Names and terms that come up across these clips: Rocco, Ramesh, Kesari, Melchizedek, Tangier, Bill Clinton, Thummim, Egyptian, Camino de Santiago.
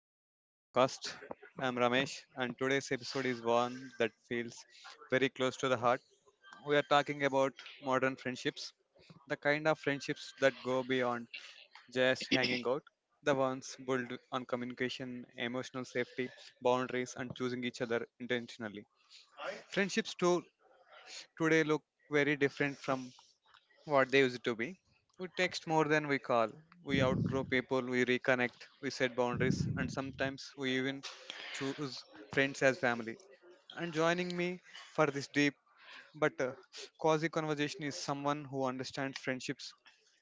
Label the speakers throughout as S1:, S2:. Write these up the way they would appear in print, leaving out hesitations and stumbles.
S1: back to the podcast. I'm Ramesh, and today's episode is one that feels very close to the heart. We are talking about modern friendships, the kind of friendships that go beyond just hanging out, the ones built on communication, emotional safety, boundaries, and choosing each other intentionally. Friendships, too, today look very different from what they used to be. We text more than we call. We outgrow people, we reconnect, we set boundaries, and sometimes we even choose friends as family. And joining me for this deep but quasi conversation is someone who understands friendships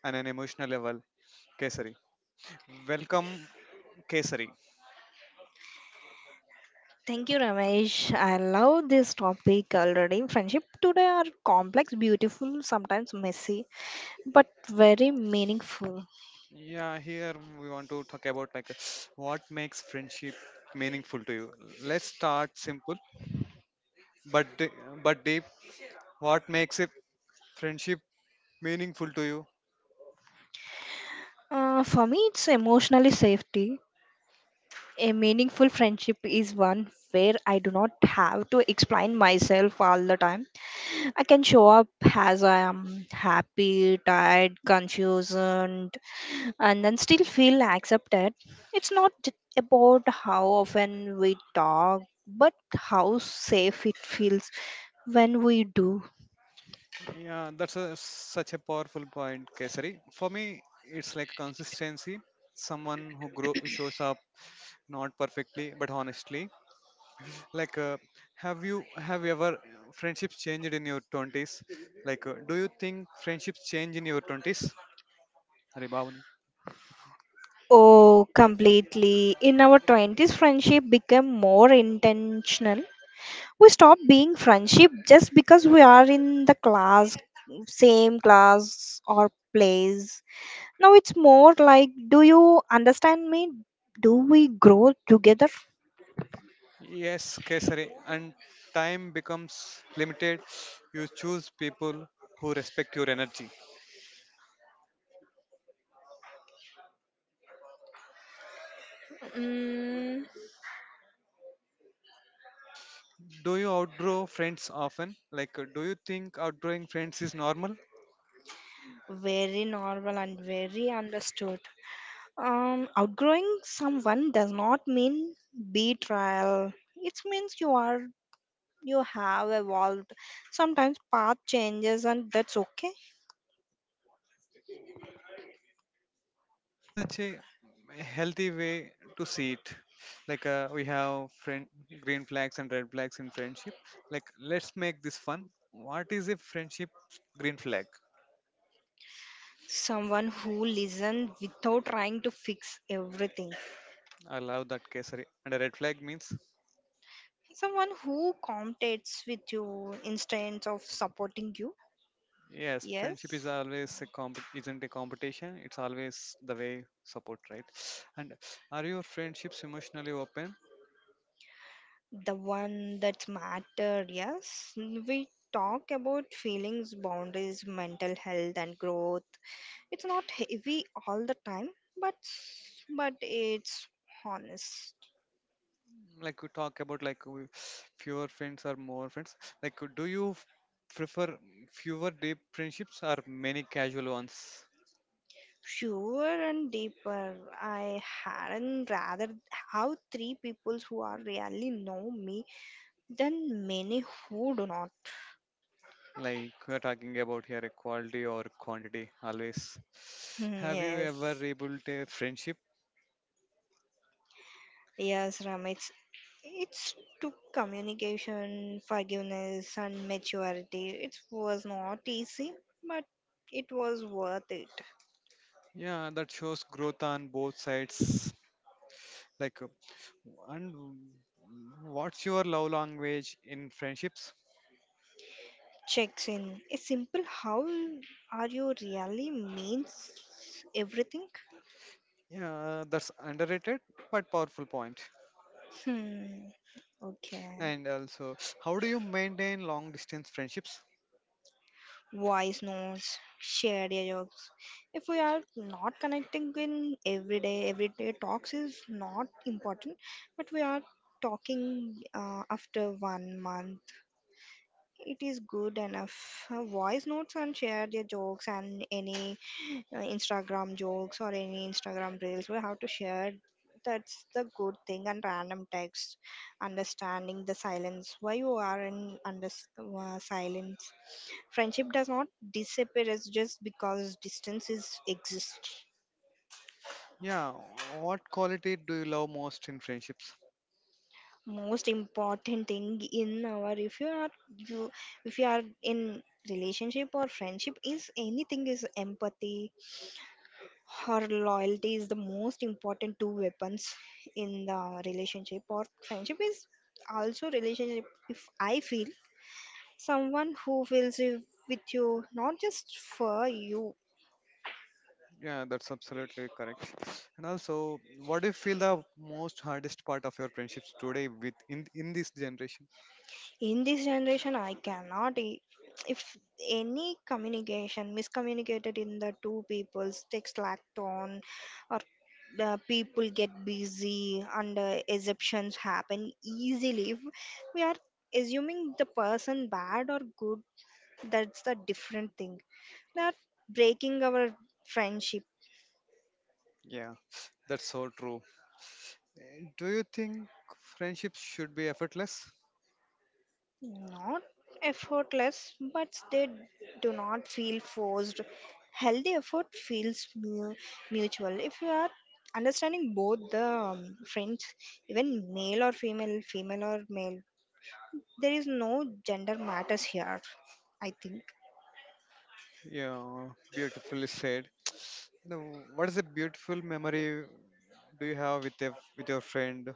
S1: on an emotional level, Kesari. Welcome, Kesari.
S2: Thank you, Ramesh. I love this topic already. Friendship today are complex, beautiful, sometimes messy, but very meaningful.
S1: Yeah, here we want to talk about like what makes friendship meaningful to you. Let's start simple but d- but deep. What makes it friendship meaningful to you?
S2: For me, it's emotionally safety. A meaningful friendship is one where I do not have to explain myself all the time. I can show up as I am happy, tired, confused, and then still feel accepted. It's not about how often we talk, but how safe it feels when we do.
S1: Yeah, that's such a powerful point, Kesari. For me, it's like consistency, someone who grow shows up not perfectly but honestly. Like have you, have you ever friendships changed in your 20s? Like do you think friendships change in your 20s? Arey Bhavani.
S2: Oh, completely. In our 20s, friendship became more intentional. We stopped being friendship just because we are in the class, same class or place. Now it's more like, do you understand me? Do we grow together?
S1: Yes, Kesari. And time becomes limited. You choose people who respect your energy.
S2: Mm.
S1: Do you outgrow friends often? Like, do you think outgrowing friends is normal?
S2: Very normal and very understood. Outgrowing someone does not mean betrayal. It means you have evolved. Sometimes path changes and that's okay.
S1: That's such a healthy way to see it. Like, we have friend green flags and red flags in friendship. Like, let's make this fun. What is a friendship green flag?
S2: Someone who listens without trying to fix everything.
S1: I love that, Kesari. And a red flag means?
S2: Someone who competes with you instead of supporting you.
S1: Yes, friendship
S2: Yes.
S1: is always isn't a competition. It's always the way support, right? And are your friendships emotionally open?
S2: The one that matter, yes, we talk about feelings, boundaries, mental health and growth. It's not heavy all the time, but but it's honest.
S1: Like we talk about, like we, fewer friends or more friends? Like, do you prefer fewer deep friendships or many casual ones?
S2: Sure and deeper, I hadn't rather have three people who are really know me than many who do not.
S1: Like, we're talking about here, equality or quantity always? Have you ever
S2: Yes.
S1: rebuilt a friendship?
S2: Yes, Ram, it's took communication, forgiveness, and maturity. It was not easy, but it was worth it.
S1: Yeah, that shows growth on both sides. like uh, and what's your love language in friendships?
S2: Checks in. A simple how are you really means everything.
S1: Yeah, that's underrated but powerful point.
S2: Hmm. Okay.
S1: And also, how do you maintain long distance friendships?
S2: Voice notes, shared jokes. If we are not connecting in everyday talks is not important, but we are talking after one month it is good enough. Voice notes and share their jokes and any Instagram jokes or any Instagram reels. We have to share. That's the good thing. And random text, understanding the silence. Why you are in under silence? Friendship does not disappear. It's just because distance is exists.
S1: Yeah, what quality do you love most in friendships?
S2: Most important thing in our, if you are you, if you are in relationship or friendship is anything is empathy, her loyalty is the most important two weapons in the relationship or friendship is also relationship, if I feel, someone who feels with you not just for you.
S1: Yeah, that's absolutely correct. And also, what do you feel the most hardest part of your friendships today with in this generation?
S2: In this generation, I cannot I- if any communication miscommunicated in the two people's text lacked on or the people get busy and exceptions happen easily, if we are assuming the person bad or good, that's the different thing that breaking our friendship.
S1: Yeah, that's so true. Do you think friendships should be effortless?
S2: Not effortless but they do not feel forced. Healthy effort feels mutual if you are understanding both the friends, even male or female, female or male, there is no gender matters here, I think.
S1: Yeah, beautifully said. You know, what is a beautiful memory do you have with a with your friend?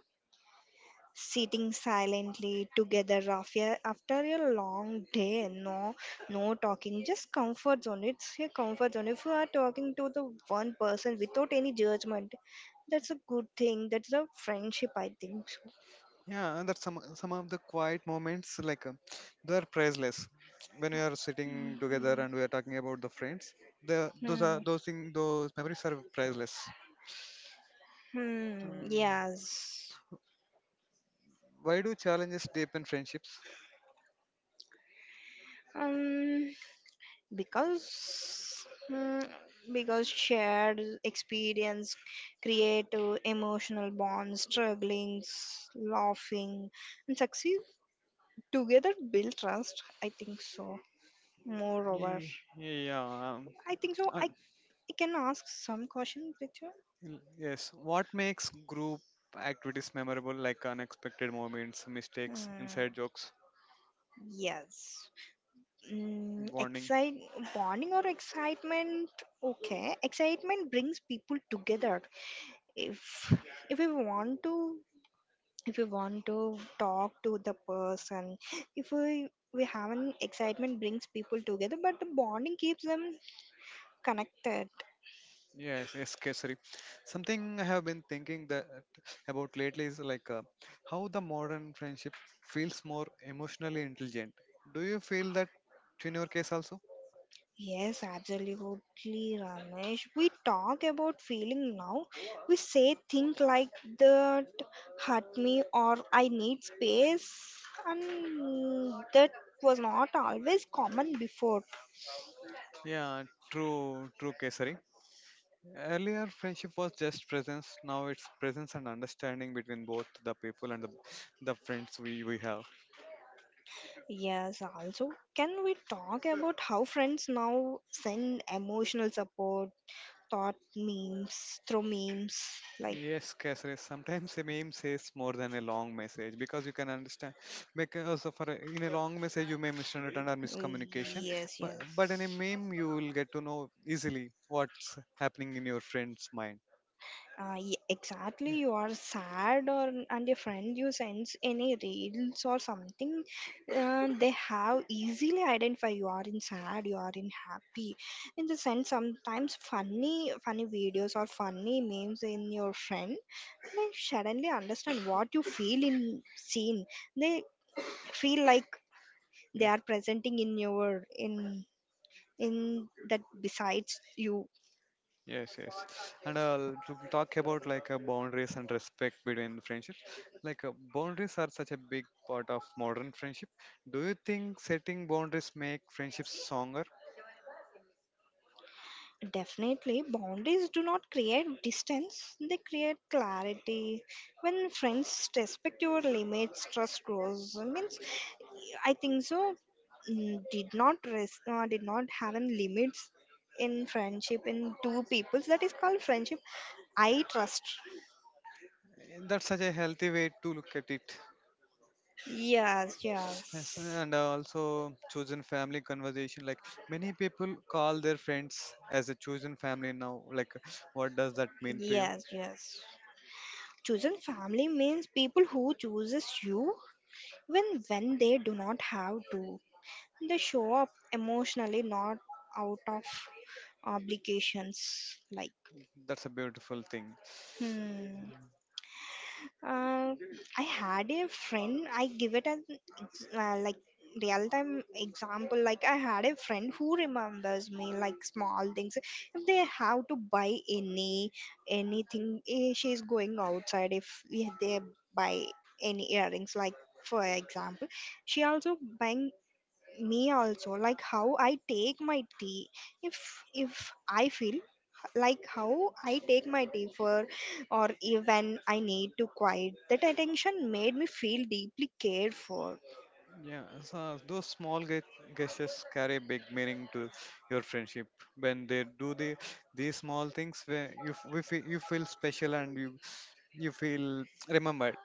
S2: Sitting silently together after a long day, no no talking, just comfort zone. It's a comfort zone if you are talking to the one person without any judgment. That's a good thing. That's a friendship, I think so.
S1: Yeah, and that some of the quiet moments, they are priceless. When we are sitting together and we are talking about the friends, the those
S2: Hmm.
S1: are those thing those memories are priceless.
S2: Hmm.
S1: Hmm.
S2: Yes.
S1: Why do challenges deepen friendships?
S2: um because mm, because shared experience create emotional bonds, strugglings, laughing and succeed together build trust, I think so, moreover.
S1: Yeah. Um,
S2: I think so
S1: uh,
S2: I can ask some question with you.
S1: yes. What makes group activities memorable? Like unexpected moments, mistakes,
S2: Hmm,
S1: inside jokes,
S2: yes. mm,
S1: bonding.
S2: excite bonding or excitement. Okay, excitement brings people together. If if we want to, talk to the person, if we have an excitement brings people together but the bonding keeps them connected.
S1: Yes, yes, Kesari. Something I have been thinking that about lately is how the modern friendship feels more emotionally intelligent. Do you feel that in your case also?
S2: Yes, absolutely, Ramesh. We talk about feeling now. We say things like that hurt me or I need space, and that was not always common before.
S1: Yeah, true, true, Kesari. Earlier, friendship was just presence. Now it's presence and understanding between both the people and the friends we have.
S2: Yes, also, can we talk about how friends now send emotional support, through memes? Like,
S1: Yes, Kasre. Sometimes a meme says more than a long message because you can understand. Because in a long message you may misunderstand or miscommunication,
S2: yes,
S1: but in
S2: yes.
S1: a meme you will get to know easily what's happening in your friend's mind.
S2: Exactly,
S1: Yeah,
S2: you are sad, or and your friend you sense any reels or something, they have easily identify you are in sad, you are in happy. In the sense, sometimes funny videos or funny memes in your friend, they suddenly understand what you feel in scene. They feel like they
S1: yeah,
S2: are presenting in your in that besides you.
S1: yes, yes. And to talk about like boundaries and respect between friendships. Like boundaries are such a big part of modern friendship. Do you think setting boundaries make friendships stronger?
S2: Definitely, boundaries do not create distance, they create clarity. When friends respect your limits, trust grows. Means, I think so. Did not having limits in friendship in two peoples. That is called friendship. I trust.
S1: That's such a healthy way to look at it.
S2: Yes,
S1: Yes,
S2: yes,
S1: and also, chosen family conversation. Like, many people call their friends as a chosen family now. Like, what does that mean to you?
S2: yes, yes. Chosen family means people who chooses you when they do not have to. They show up emotionally, not out of obligations. Like,
S1: That's a beautiful thing.
S2: hmm. Uh, I had a friend, I give it an like real time example. Like, I had a friend who remembers me, like small things. If they have to buy anything, eh, she's going outside. If they buy any earrings, like for example, she also buying me also like how I take my tea, if if I feel like how I take my tea for or even I need to quiet that attention made me feel deeply cared for.
S1: Yeah, so those small gestures carry big meaning to your friendship. When they do these small things, where we feel, you feel special and you feel remembered.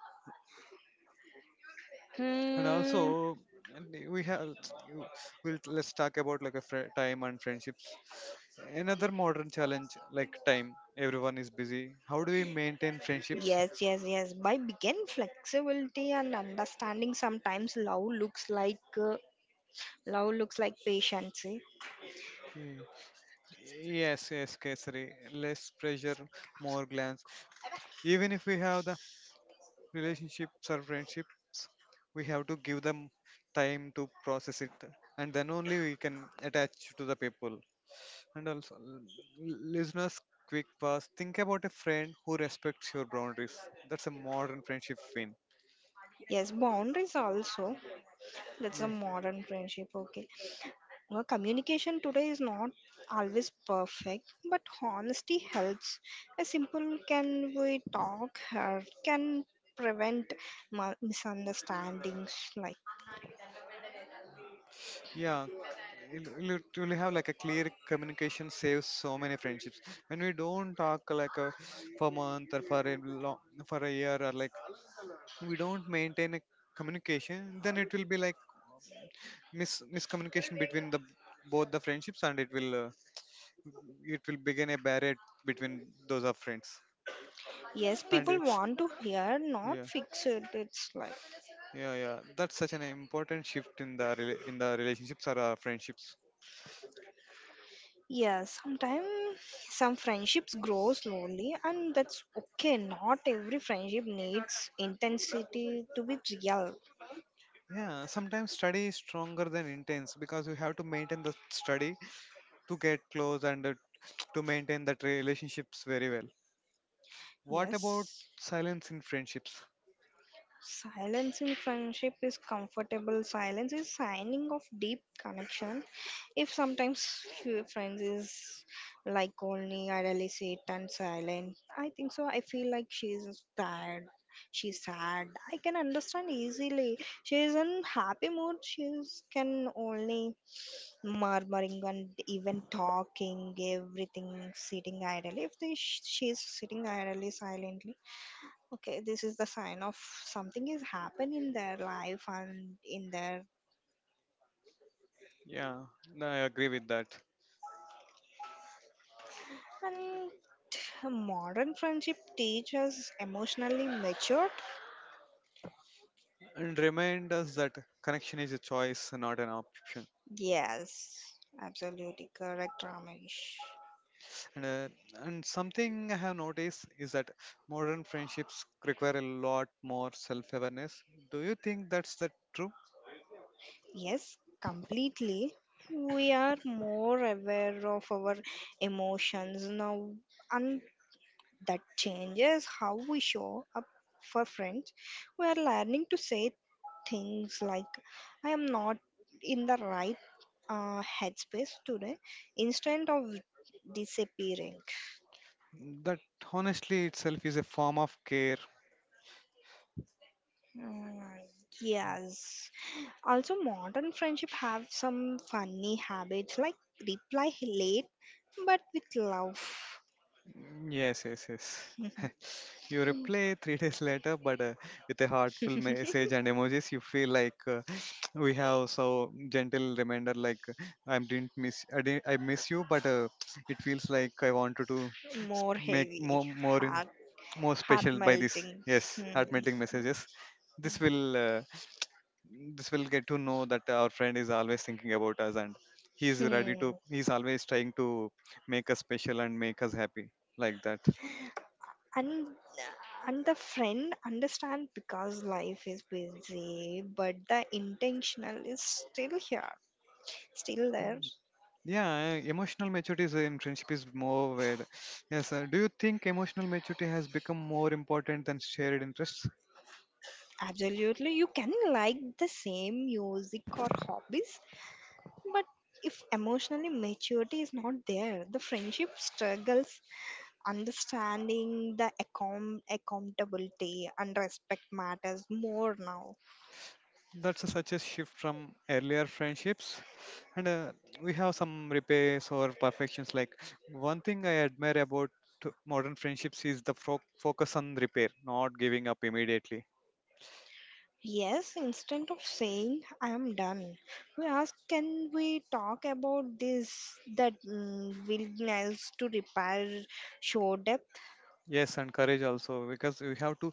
S1: And
S2: Hmm,
S1: also, and we have you- we'll, let's talk about like a fri time and friendships. Another modern challenge, like time. Everyone is busy. How do we maintain friendships?
S2: yes yes, yes by begin flexibility and understanding sometimes love looks like patience, eh?
S1: Hmm. Yes, yes, Kesari. Less pressure, more glance. Even if we have the relationships or friendships, we have to give them time to process it, and then only we can attach to the people. And also, listeners, quick pass. Think about a friend who respects your boundaries. That's a modern friendship win.
S2: Yes, boundaries also, that's a modern friendship, okay. Well, communication today is not always perfect, but honesty helps. A simple can we talk here can prevent misunderstandings. Like,
S1: Yeah, it will have like a clear communication saves so many friendships. When we don't talk for a month, or for a year, or like we don't maintain a communication, then it will be like miscommunication between the both the friendships, and it will begin a barrier between those of friends.
S2: yes, people
S1: And
S2: want to hear, not
S1: yeah,
S2: fix it. It's like,
S1: yeah, yeah, that's such an important shift in in the relationships or friendships.
S2: yes, sometimes some friendships grow slowly, and that's okay. Not every friendship needs intensity to be real.
S1: Yeah, sometimes study is stronger than intense because you have to maintain the study to get close, and to maintain that relationships very well. What about
S2: Yes.
S1: silence in friendships?
S2: Silence in friendship is comfortable. Silence is signing of deep connection. If sometimes few friends is like only idly sit and silent, I think so. I feel like she's tired. She's sad. I can understand easily. She is in happy mood. She can only murmuring and even talking, everything sitting idly. If they, she is sitting idly silently, okay this is the sign of something is happened in their life and in their.
S1: Yeah, no, I agree with that.
S2: And modern friendship teaches emotionally matured.
S1: And remind us that connection is a choice, not an option.
S2: Yes, absolutely correct, Ramesh.
S1: And, uh, and something I have noticed is that modern friendships require a lot more self awareness. Do you think that's the true?
S2: Yes, completely. We are more aware of our emotions now, and that changes how we show up for friends. We are learning to say things like I am not in the right headspace today instead of disappearing.
S1: That honestly itself is a form of care.
S2: Mm, yes. Also, modern friendship have some funny habits like reply late but with love.
S1: Yes, yes, yes.
S2: Mhm.
S1: You reply three days later, but with a heartful message and emojis, you feel like we have so gentle reminder. I didn't miss, I, didn't, I miss you, but it feels like I wanted to
S2: More
S1: make
S2: heavy, heart,
S1: more
S2: heart
S1: special by this.
S2: melting.
S1: Yes,
S2: Hmm.
S1: heart melting messages. This will, uh, this will get to know that our friend is always thinking about us, and he's ready
S2: Hmm.
S1: to. He's always trying to make us special and make us happy, like that.
S2: And and the friend understand because life is busy, but the intentional is still here, still there.
S1: Yeah, emotional maturity is in friendship is more where Yes, sir. Do you think emotional maturity has become more important than shared interests?
S2: Absolutely. You can like the same music or hobbies, but if emotionally maturity is not there, the friendship struggles, understanding the accountability and respect matters more now.
S1: That's such a shift from earlier friendships, and we have some repairs or perfections. Like, one thing I admire about modern friendships is the focus on repair, not giving up immediately.
S2: Yes, instead of saying I am done, we ask can we talk about this that mm, willingness to repair show depth?
S1: Yes, and courage also, because we have to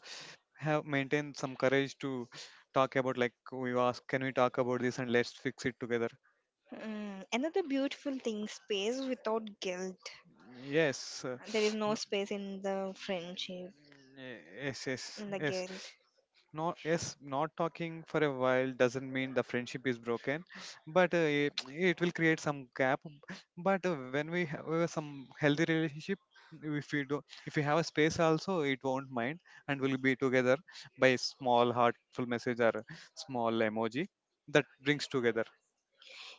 S1: have maintain some courage to talk about, like, we ask, can we talk about this and let's fix it together?
S2: Mm, another beautiful thing space without guilt.
S1: Yes,
S2: There is no
S1: no,
S2: space in the friendship,
S1: eh, yes, yes,
S2: in the
S1: yes.
S2: guilt.
S1: No, yes, not talking for a while doesn't mean the friendship is broken, but it will create some gap. But when we have some healthy relationship, if we have a space also, it won't mind, and we'll be together by small heartful message or a small emoji that brings together.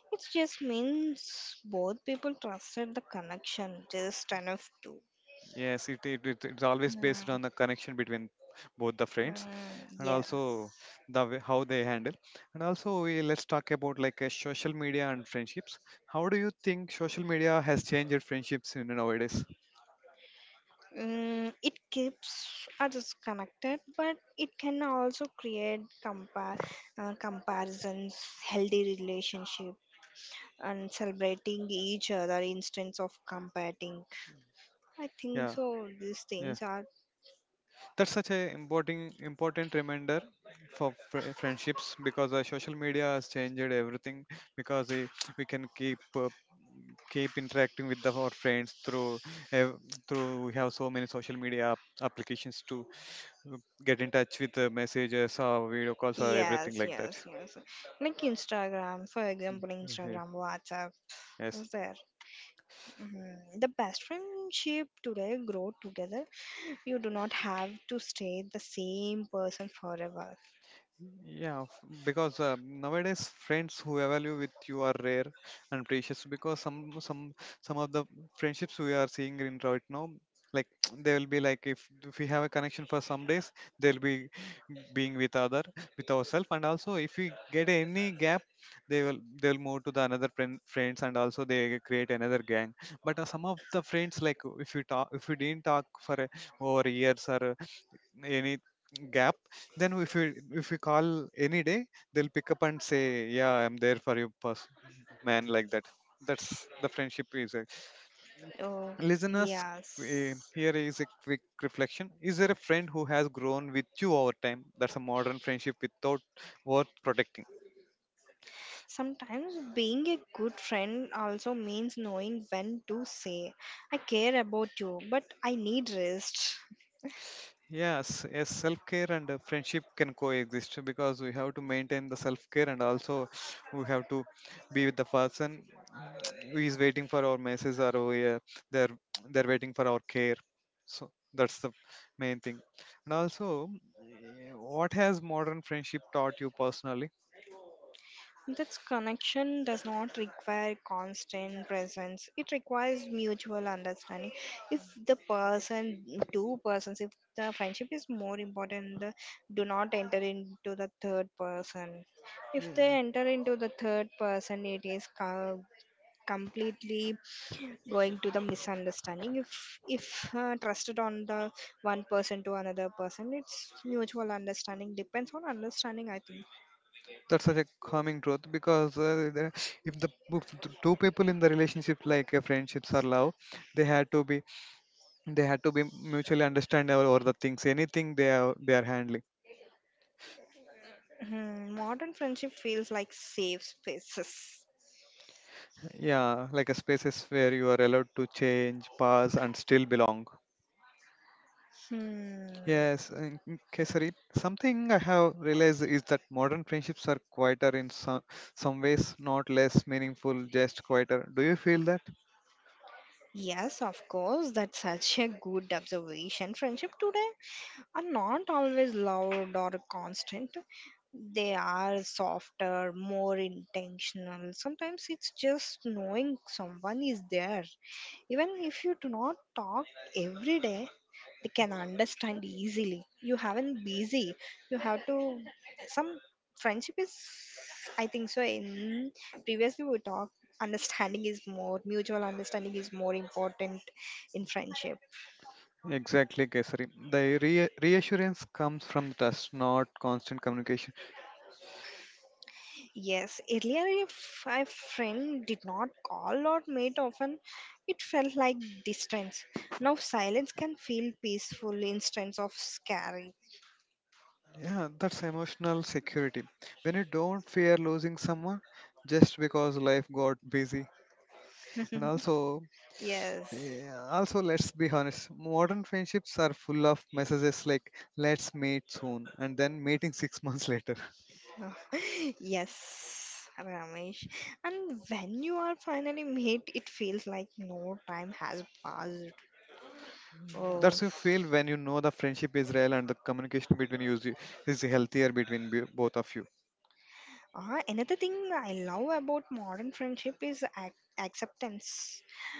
S2: It just means both people trusted the connection just enough to.
S1: Yes, it's always based
S2: Mm,
S1: on the connection between both the friends,
S2: mm,
S1: and
S2: yes.
S1: also the way how they handle. And also, let's talk about like social media and friendships. How do you think social media has changed friendships in nowadays?
S2: Mm, it keeps others connected, but it can also create comparisons, healthy relationship, and celebrating each other instance of competing. I think
S1: Yeah,
S2: so. These things
S1: yeah.
S2: are.
S1: That's such a important reminder for friendships because social media has changed everything, because we can keep interacting with our friends uh, through we have so many social media applications too, uh, get in touch with messages or video calls or
S2: Yes,
S1: everything like
S2: yes,
S1: that.
S2: yes. Like Instagram, for example,
S1: Yeah, yeah.
S2: Instagram, WhatsApp is
S1: Yes.
S2: there. Mhm. The best friendship today grow together. You do not have to stay the same person forever.
S1: Yeah, because nowadays friends who value with you are rare and precious. Because some of the friendships we are seeing in right now, like they will be like if we have a connection for some days, they'll be being with other with ourselves, and also if we get any gap, they'll move to the another friends, and also they create another gang. But some of the friends like, if we didn't talk over years or any gap, then if we call any day, they'll pick up and say, yeah, I'm there for you, man, like that. That's the friendship
S2: Oh,
S1: listeners,
S2: yes.
S1: here is a quick reflection. Is there a friend who has grown with you over time? That's a modern friendship without worth protecting.
S2: Sometimes being a good friend also means knowing when to say, I care about you, but I need rest.
S1: Yes, yes, self care and friendship can coexist, because we have to maintain the self care, and also we have to be with the person who is waiting for our message, or they're they're waiting for our care. So that's the main thing. And also, what has modern friendship taught you personally?
S2: This connection does not require constant presence. It requires mutual understanding. If the person, two persons, if the friendship is more important, the, do not enter into the third person. If
S1: Yeah,
S2: they enter into the third person, it is completely going to the misunderstanding. If trusted on the one person to another person, it's mutual understanding. Depends on understanding, I think.
S1: that's such a calming truth because if the two people in the relationship like a friendships or love, they had to be they had to be mutually understandable over the things anything they are handling.
S2: Hmm, modern friendship feels like safe spaces.
S1: Yeah, like a spaces where you are allowed to change pause and still belong.
S2: Hmm.
S1: yes and- okay, sorry. Something I have realized is that modern friendships are quieter in some ways, not less meaningful, just quieter. Do you feel that?
S2: Yes, of course, that's such a good observation. Friendship today are not always loud or constant. They are softer, more intentional. Sometimes it's just knowing someone is there. Even if you do not talk every day, they can understand easily you haven't busy you have to some friendship is, I think so, in previously we talked, understanding is more, mutual understanding is more important in friendship.
S1: Exactly, Kesari. The re Reassurance comes from trust, not constant communication.
S2: Yes, earlier if a friend did not call or meet often, it felt like distance. Now silence can feel peaceful instance of scary.
S1: Yeah, that's emotional security. When you don't fear losing someone just because life got busy. And also,
S2: Yes.
S1: yeah, also let's be honest, modern friendships are full of messages like let's meet soon and then meeting 6 months later.
S2: Oh, yes, Ramesh. And when you are finally made, it feels like no time has passed. Oh,
S1: That's you feel when you know the friendship is real and the communication between you is healthier between both of you.
S2: another thing I love about modern friendship is acceptance.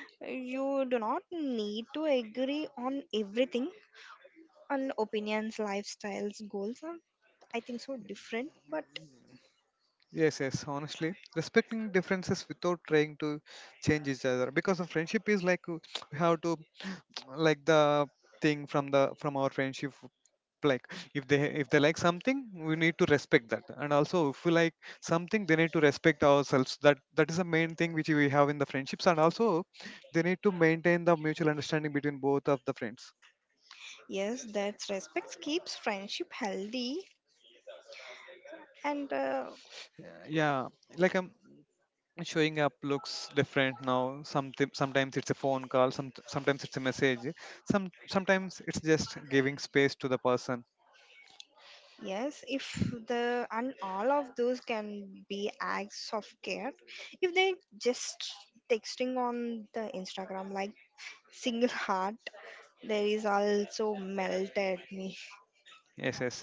S2: You do not need to agree on everything, on opinions, lifestyles, goals are, I think, so different. But
S1: Yes, yes, honestly, respecting differences without trying to change each other, because a friendship is like you have to like the thing from our friendship. Like if they like something, we need to respect that, and also if we like something, they need to respect ourselves. That that is the main thing which we have in the friendships, and also they need to maintain the mutual understanding between both of the friends.
S2: yes, that respect keeps friendship healthy and
S1: yeah yeah, like I'm showing up looks different now. Something Sometimes it's a phone call, sometimes it's a message, sometimes it's just giving space to the person.
S2: Yes, if the and all of those can be acts of care. If they just texting on the Instagram like single heart, there is also melt at me.
S1: Yes, yes.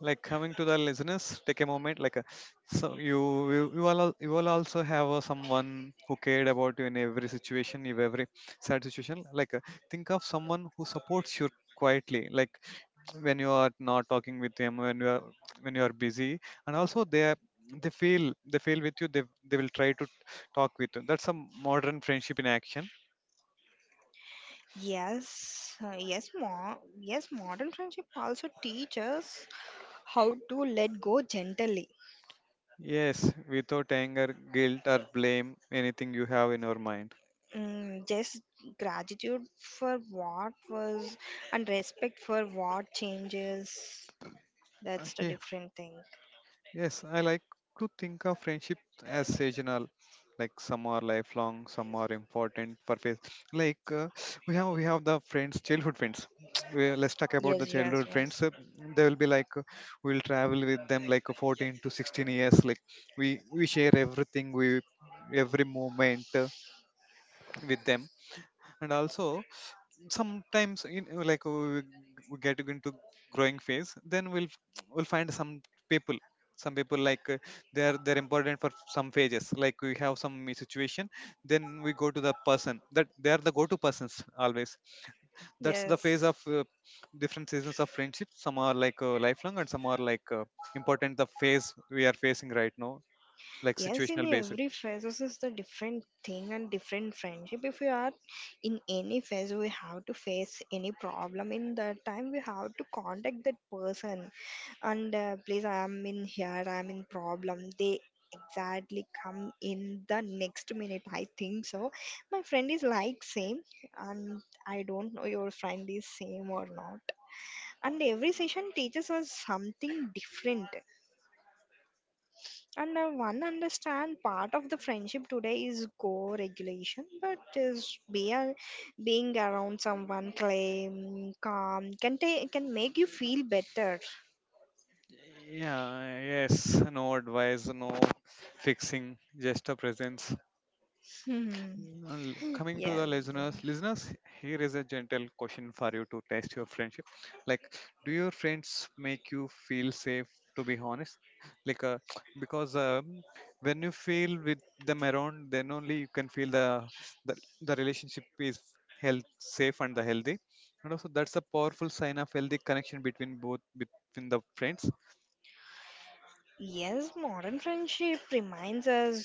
S1: Like coming to the listeners, take a moment. Like, so you you all also have someone who cared about you in every situation, in every sad situation. Like, think of someone who supports you quietly. Like when you are not talking with them, when you are busy, and also they feel with you. They will try to talk with you. That's a modern friendship in action.
S2: Yes, yes. Modern friendship also teaches how to let go gently.
S1: Yes, without anger, guilt, or blame, anything you have in your mind.
S2: Mm, just gratitude for what was and respect for what changes. That's
S1: Uh,
S2: the
S1: yeah,
S2: different thing.
S1: Yes, I like to think of friendship as seasonal. Like some are lifelong, some are important for phase. Like we have the friends, childhood friends. Let's talk
S2: Yes,
S1: about the
S2: yes,
S1: childhood
S2: yes.
S1: friends. They will be like we'll travel with them like 14 to 16 years. Like we share everything, we every moment with them, and also sometimes we get into growing phase, then we'll find people some people like they're important for some phases. Like we have some situation, then we go to the person that they are the go-to persons always. That's the
S2: Yes.
S1: phase of different seasons of friendship. Some are like lifelong, and some are like important the phase we are facing right now, like
S2: Yes, in
S1: situational
S2: every
S1: basis.
S2: phase, this is the different thing and different friendship. If you are in any phase, we have to face any problem. In that time, we have to contact that person and please, I am in here, I am in problem. They exactly come in the next minute. I think so. My friend is like same, and I don't know your friend is same or not. And every session teaches us something different. And I one understand part of the friendship today is go regulation but is being around someone calm, can can make you feel better.
S1: Yeah, yes, no advice, no fixing, just a presence.
S2: Hmm.
S1: Well, coming
S2: Yes,
S1: to the listeners, here is a gentle question for you to test your friendship. Like, do your friends make you feel safe? To be honest, like, because when you feel with them around, then only you can feel the, the relationship is health safe and the healthy, and also that's a powerful sign of healthy connection between both between the friends.
S2: yes. Modern friendship reminds us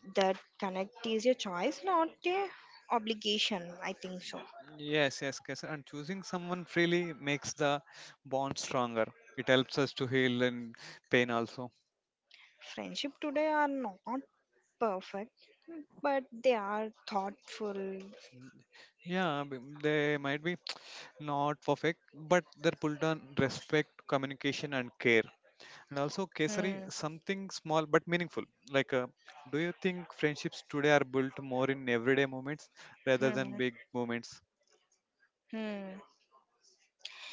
S2: that connect is a choice, not a obligation. I think so.
S1: Yes, yes, yes. And choosing someone freely makes the bond stronger. It helps us to heal and pain also.
S2: Friendship today are not perfect, but they are thoughtful.
S1: They might be not perfect, but they're pulled on respect, communication, and care. And also,
S2: Hmm.
S1: Kesari, something small but meaningful. Like, do you think friendships today are built more in everyday moments rather
S2: Hmm.
S1: than big moments?
S2: Hmm.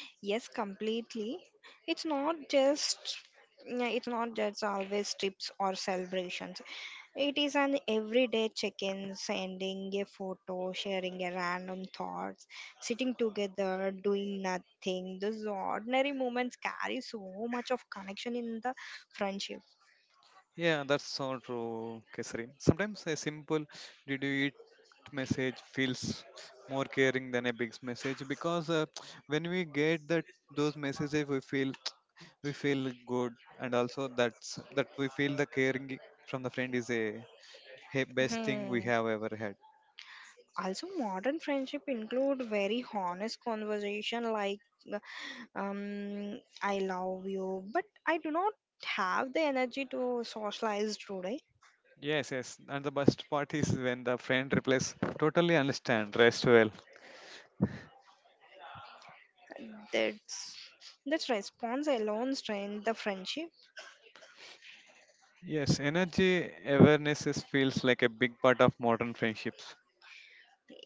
S2: Yes, completely. It's not just, yeah, it's not just always trips or celebrations. It is an everyday check-in, sending a photo, sharing a random thoughts, sitting together, doing nothing. Those ordinary moments carry so much of connection in the friendship.
S1: Yeah, that's so true, Kesari. Sometimes a simple, did you eat message feels more caring than a big message, because when we get that those messages, we feel good, and also that's that we feel the caring from the friend is a best thing
S2: Hmm.
S1: we have ever had.
S2: Also, modern friendship include very honest conversation like uh, I love you but I do not have the energy to socialize today.
S1: Yes, yes, and the best part is when the friend replies totally understand, rest well.
S2: That's that's response alone strain the friendship.
S1: Yes, energy awareness is, feels like a big part of modern friendships.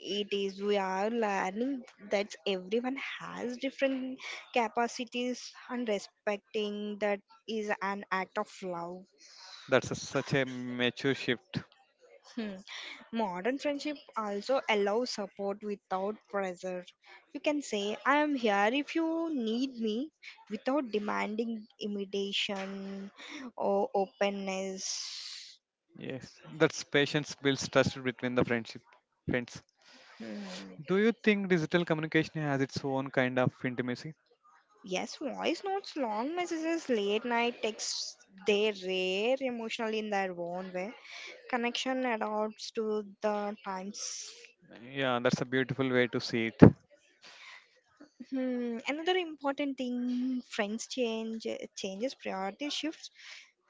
S2: It is, we are learning that everyone has different capacities and respecting that is an act of love.
S1: That's a, such a mature shift.
S2: Hmm. Modern friendship also allows support without pressure. You can say, I am here if you need me, without demanding imitation or openness.
S1: Yes, that's patience builds trust between the friends.
S2: Hmm.
S1: Do you think digital communication has its own kind of intimacy?
S2: Yes, voice notes, long messages, late night texts, they rare emotionally in their own way. Connection adapts to the times.
S1: Yeah, that's a beautiful way to see it.
S2: Hmm. Another important thing friends change, changes, priority shifts,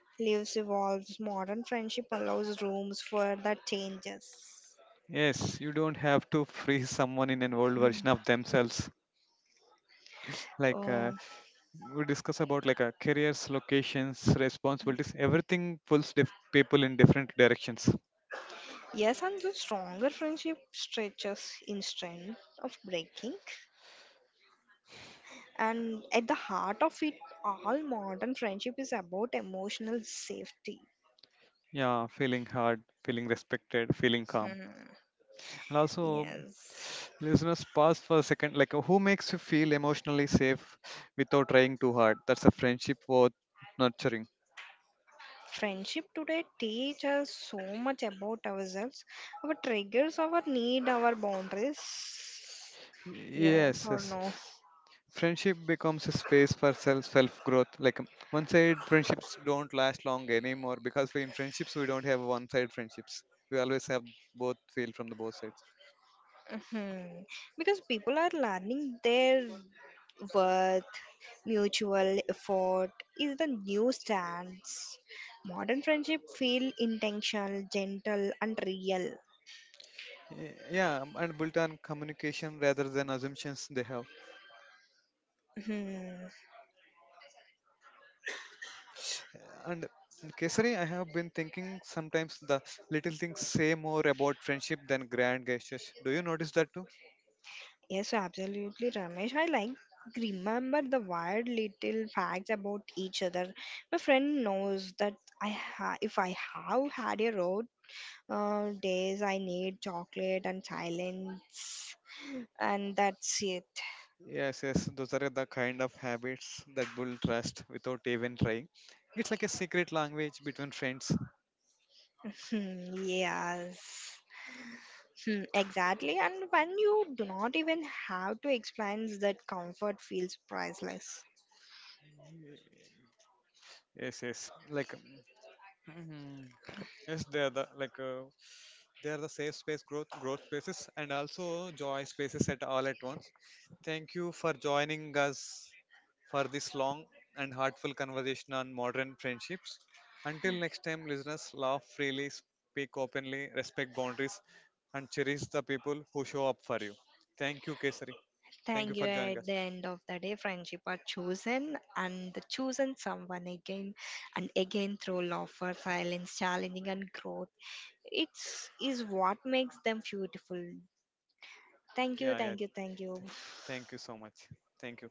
S2: lives evolves, modern friendship allows rooms for the changes.
S1: Yes, you don't have to freeze someone in an old
S2: Mhm.
S1: version of themselves. Like
S2: Uh,
S1: we discuss about like careers, locations, responsibilities, everything pulls people in different directions.
S2: yes and the stronger friendship stretches instead of breaking. And at the heart of it all, modern friendship is about emotional safety.
S1: Yeah, feeling heard, feeling respected, feeling calm,
S2: Hmm.
S1: and also
S2: Yes,
S1: listeners pause for a second. Like who makes you feel emotionally safe without trying too hard? That's a friendship worth nurturing.
S2: friendship today teach us so much about ourselves, our triggers, our need, our boundaries. Yes or
S1: Yes,
S2: no.
S1: yes. Friendship becomes a space for self growth. Like one side friendships don't last long anymore, because in friendships we don't have one side friendships. We always have both feel from the both sides.
S2: Mhm. Because people are learning their worth, mutual effort is the new stance. Modern friendship feel intentional, gentle, and real.
S1: And built on communication rather than assumptions they have.
S2: Hmm.
S1: And in Kesari, I have been thinking sometimes the little things say more about friendship than grand gestures. Do you notice that too?
S2: Yes, absolutely, Ramesh. I like remember the weird little facts about each other. My friend knows that if I have had a road days, I need chocolate and silence, and that's it.
S1: Yes, yes, those are the kind of habits that build trust without even trying. It's like a secret language between friends.
S2: Hmm, yes. Hmm, exactly. And when you do not even have to explain, that comfort feels priceless.
S1: Yes, yes, like mm, yes, they are the like they are the safe space growth spaces, and also joy spaces at all at once. Thank you for joining us for this long and heartful conversation on modern friendships. Until next time, listeners, laugh freely, speak openly, respect boundaries, and cherish the people who show up for you. Thank you, Kesari.
S2: Thank you.
S1: Thank you for
S2: At
S1: joining
S2: the
S1: us.
S2: end of the day, friendship are chosen and the chosen someone again and again through laughter, silence, challenging, and growth. It's is what makes them beautiful. Thank you.
S1: Yeah,
S2: Thank you.
S1: yeah.
S2: Thank you.
S1: Th- Thank you so much. Thank you.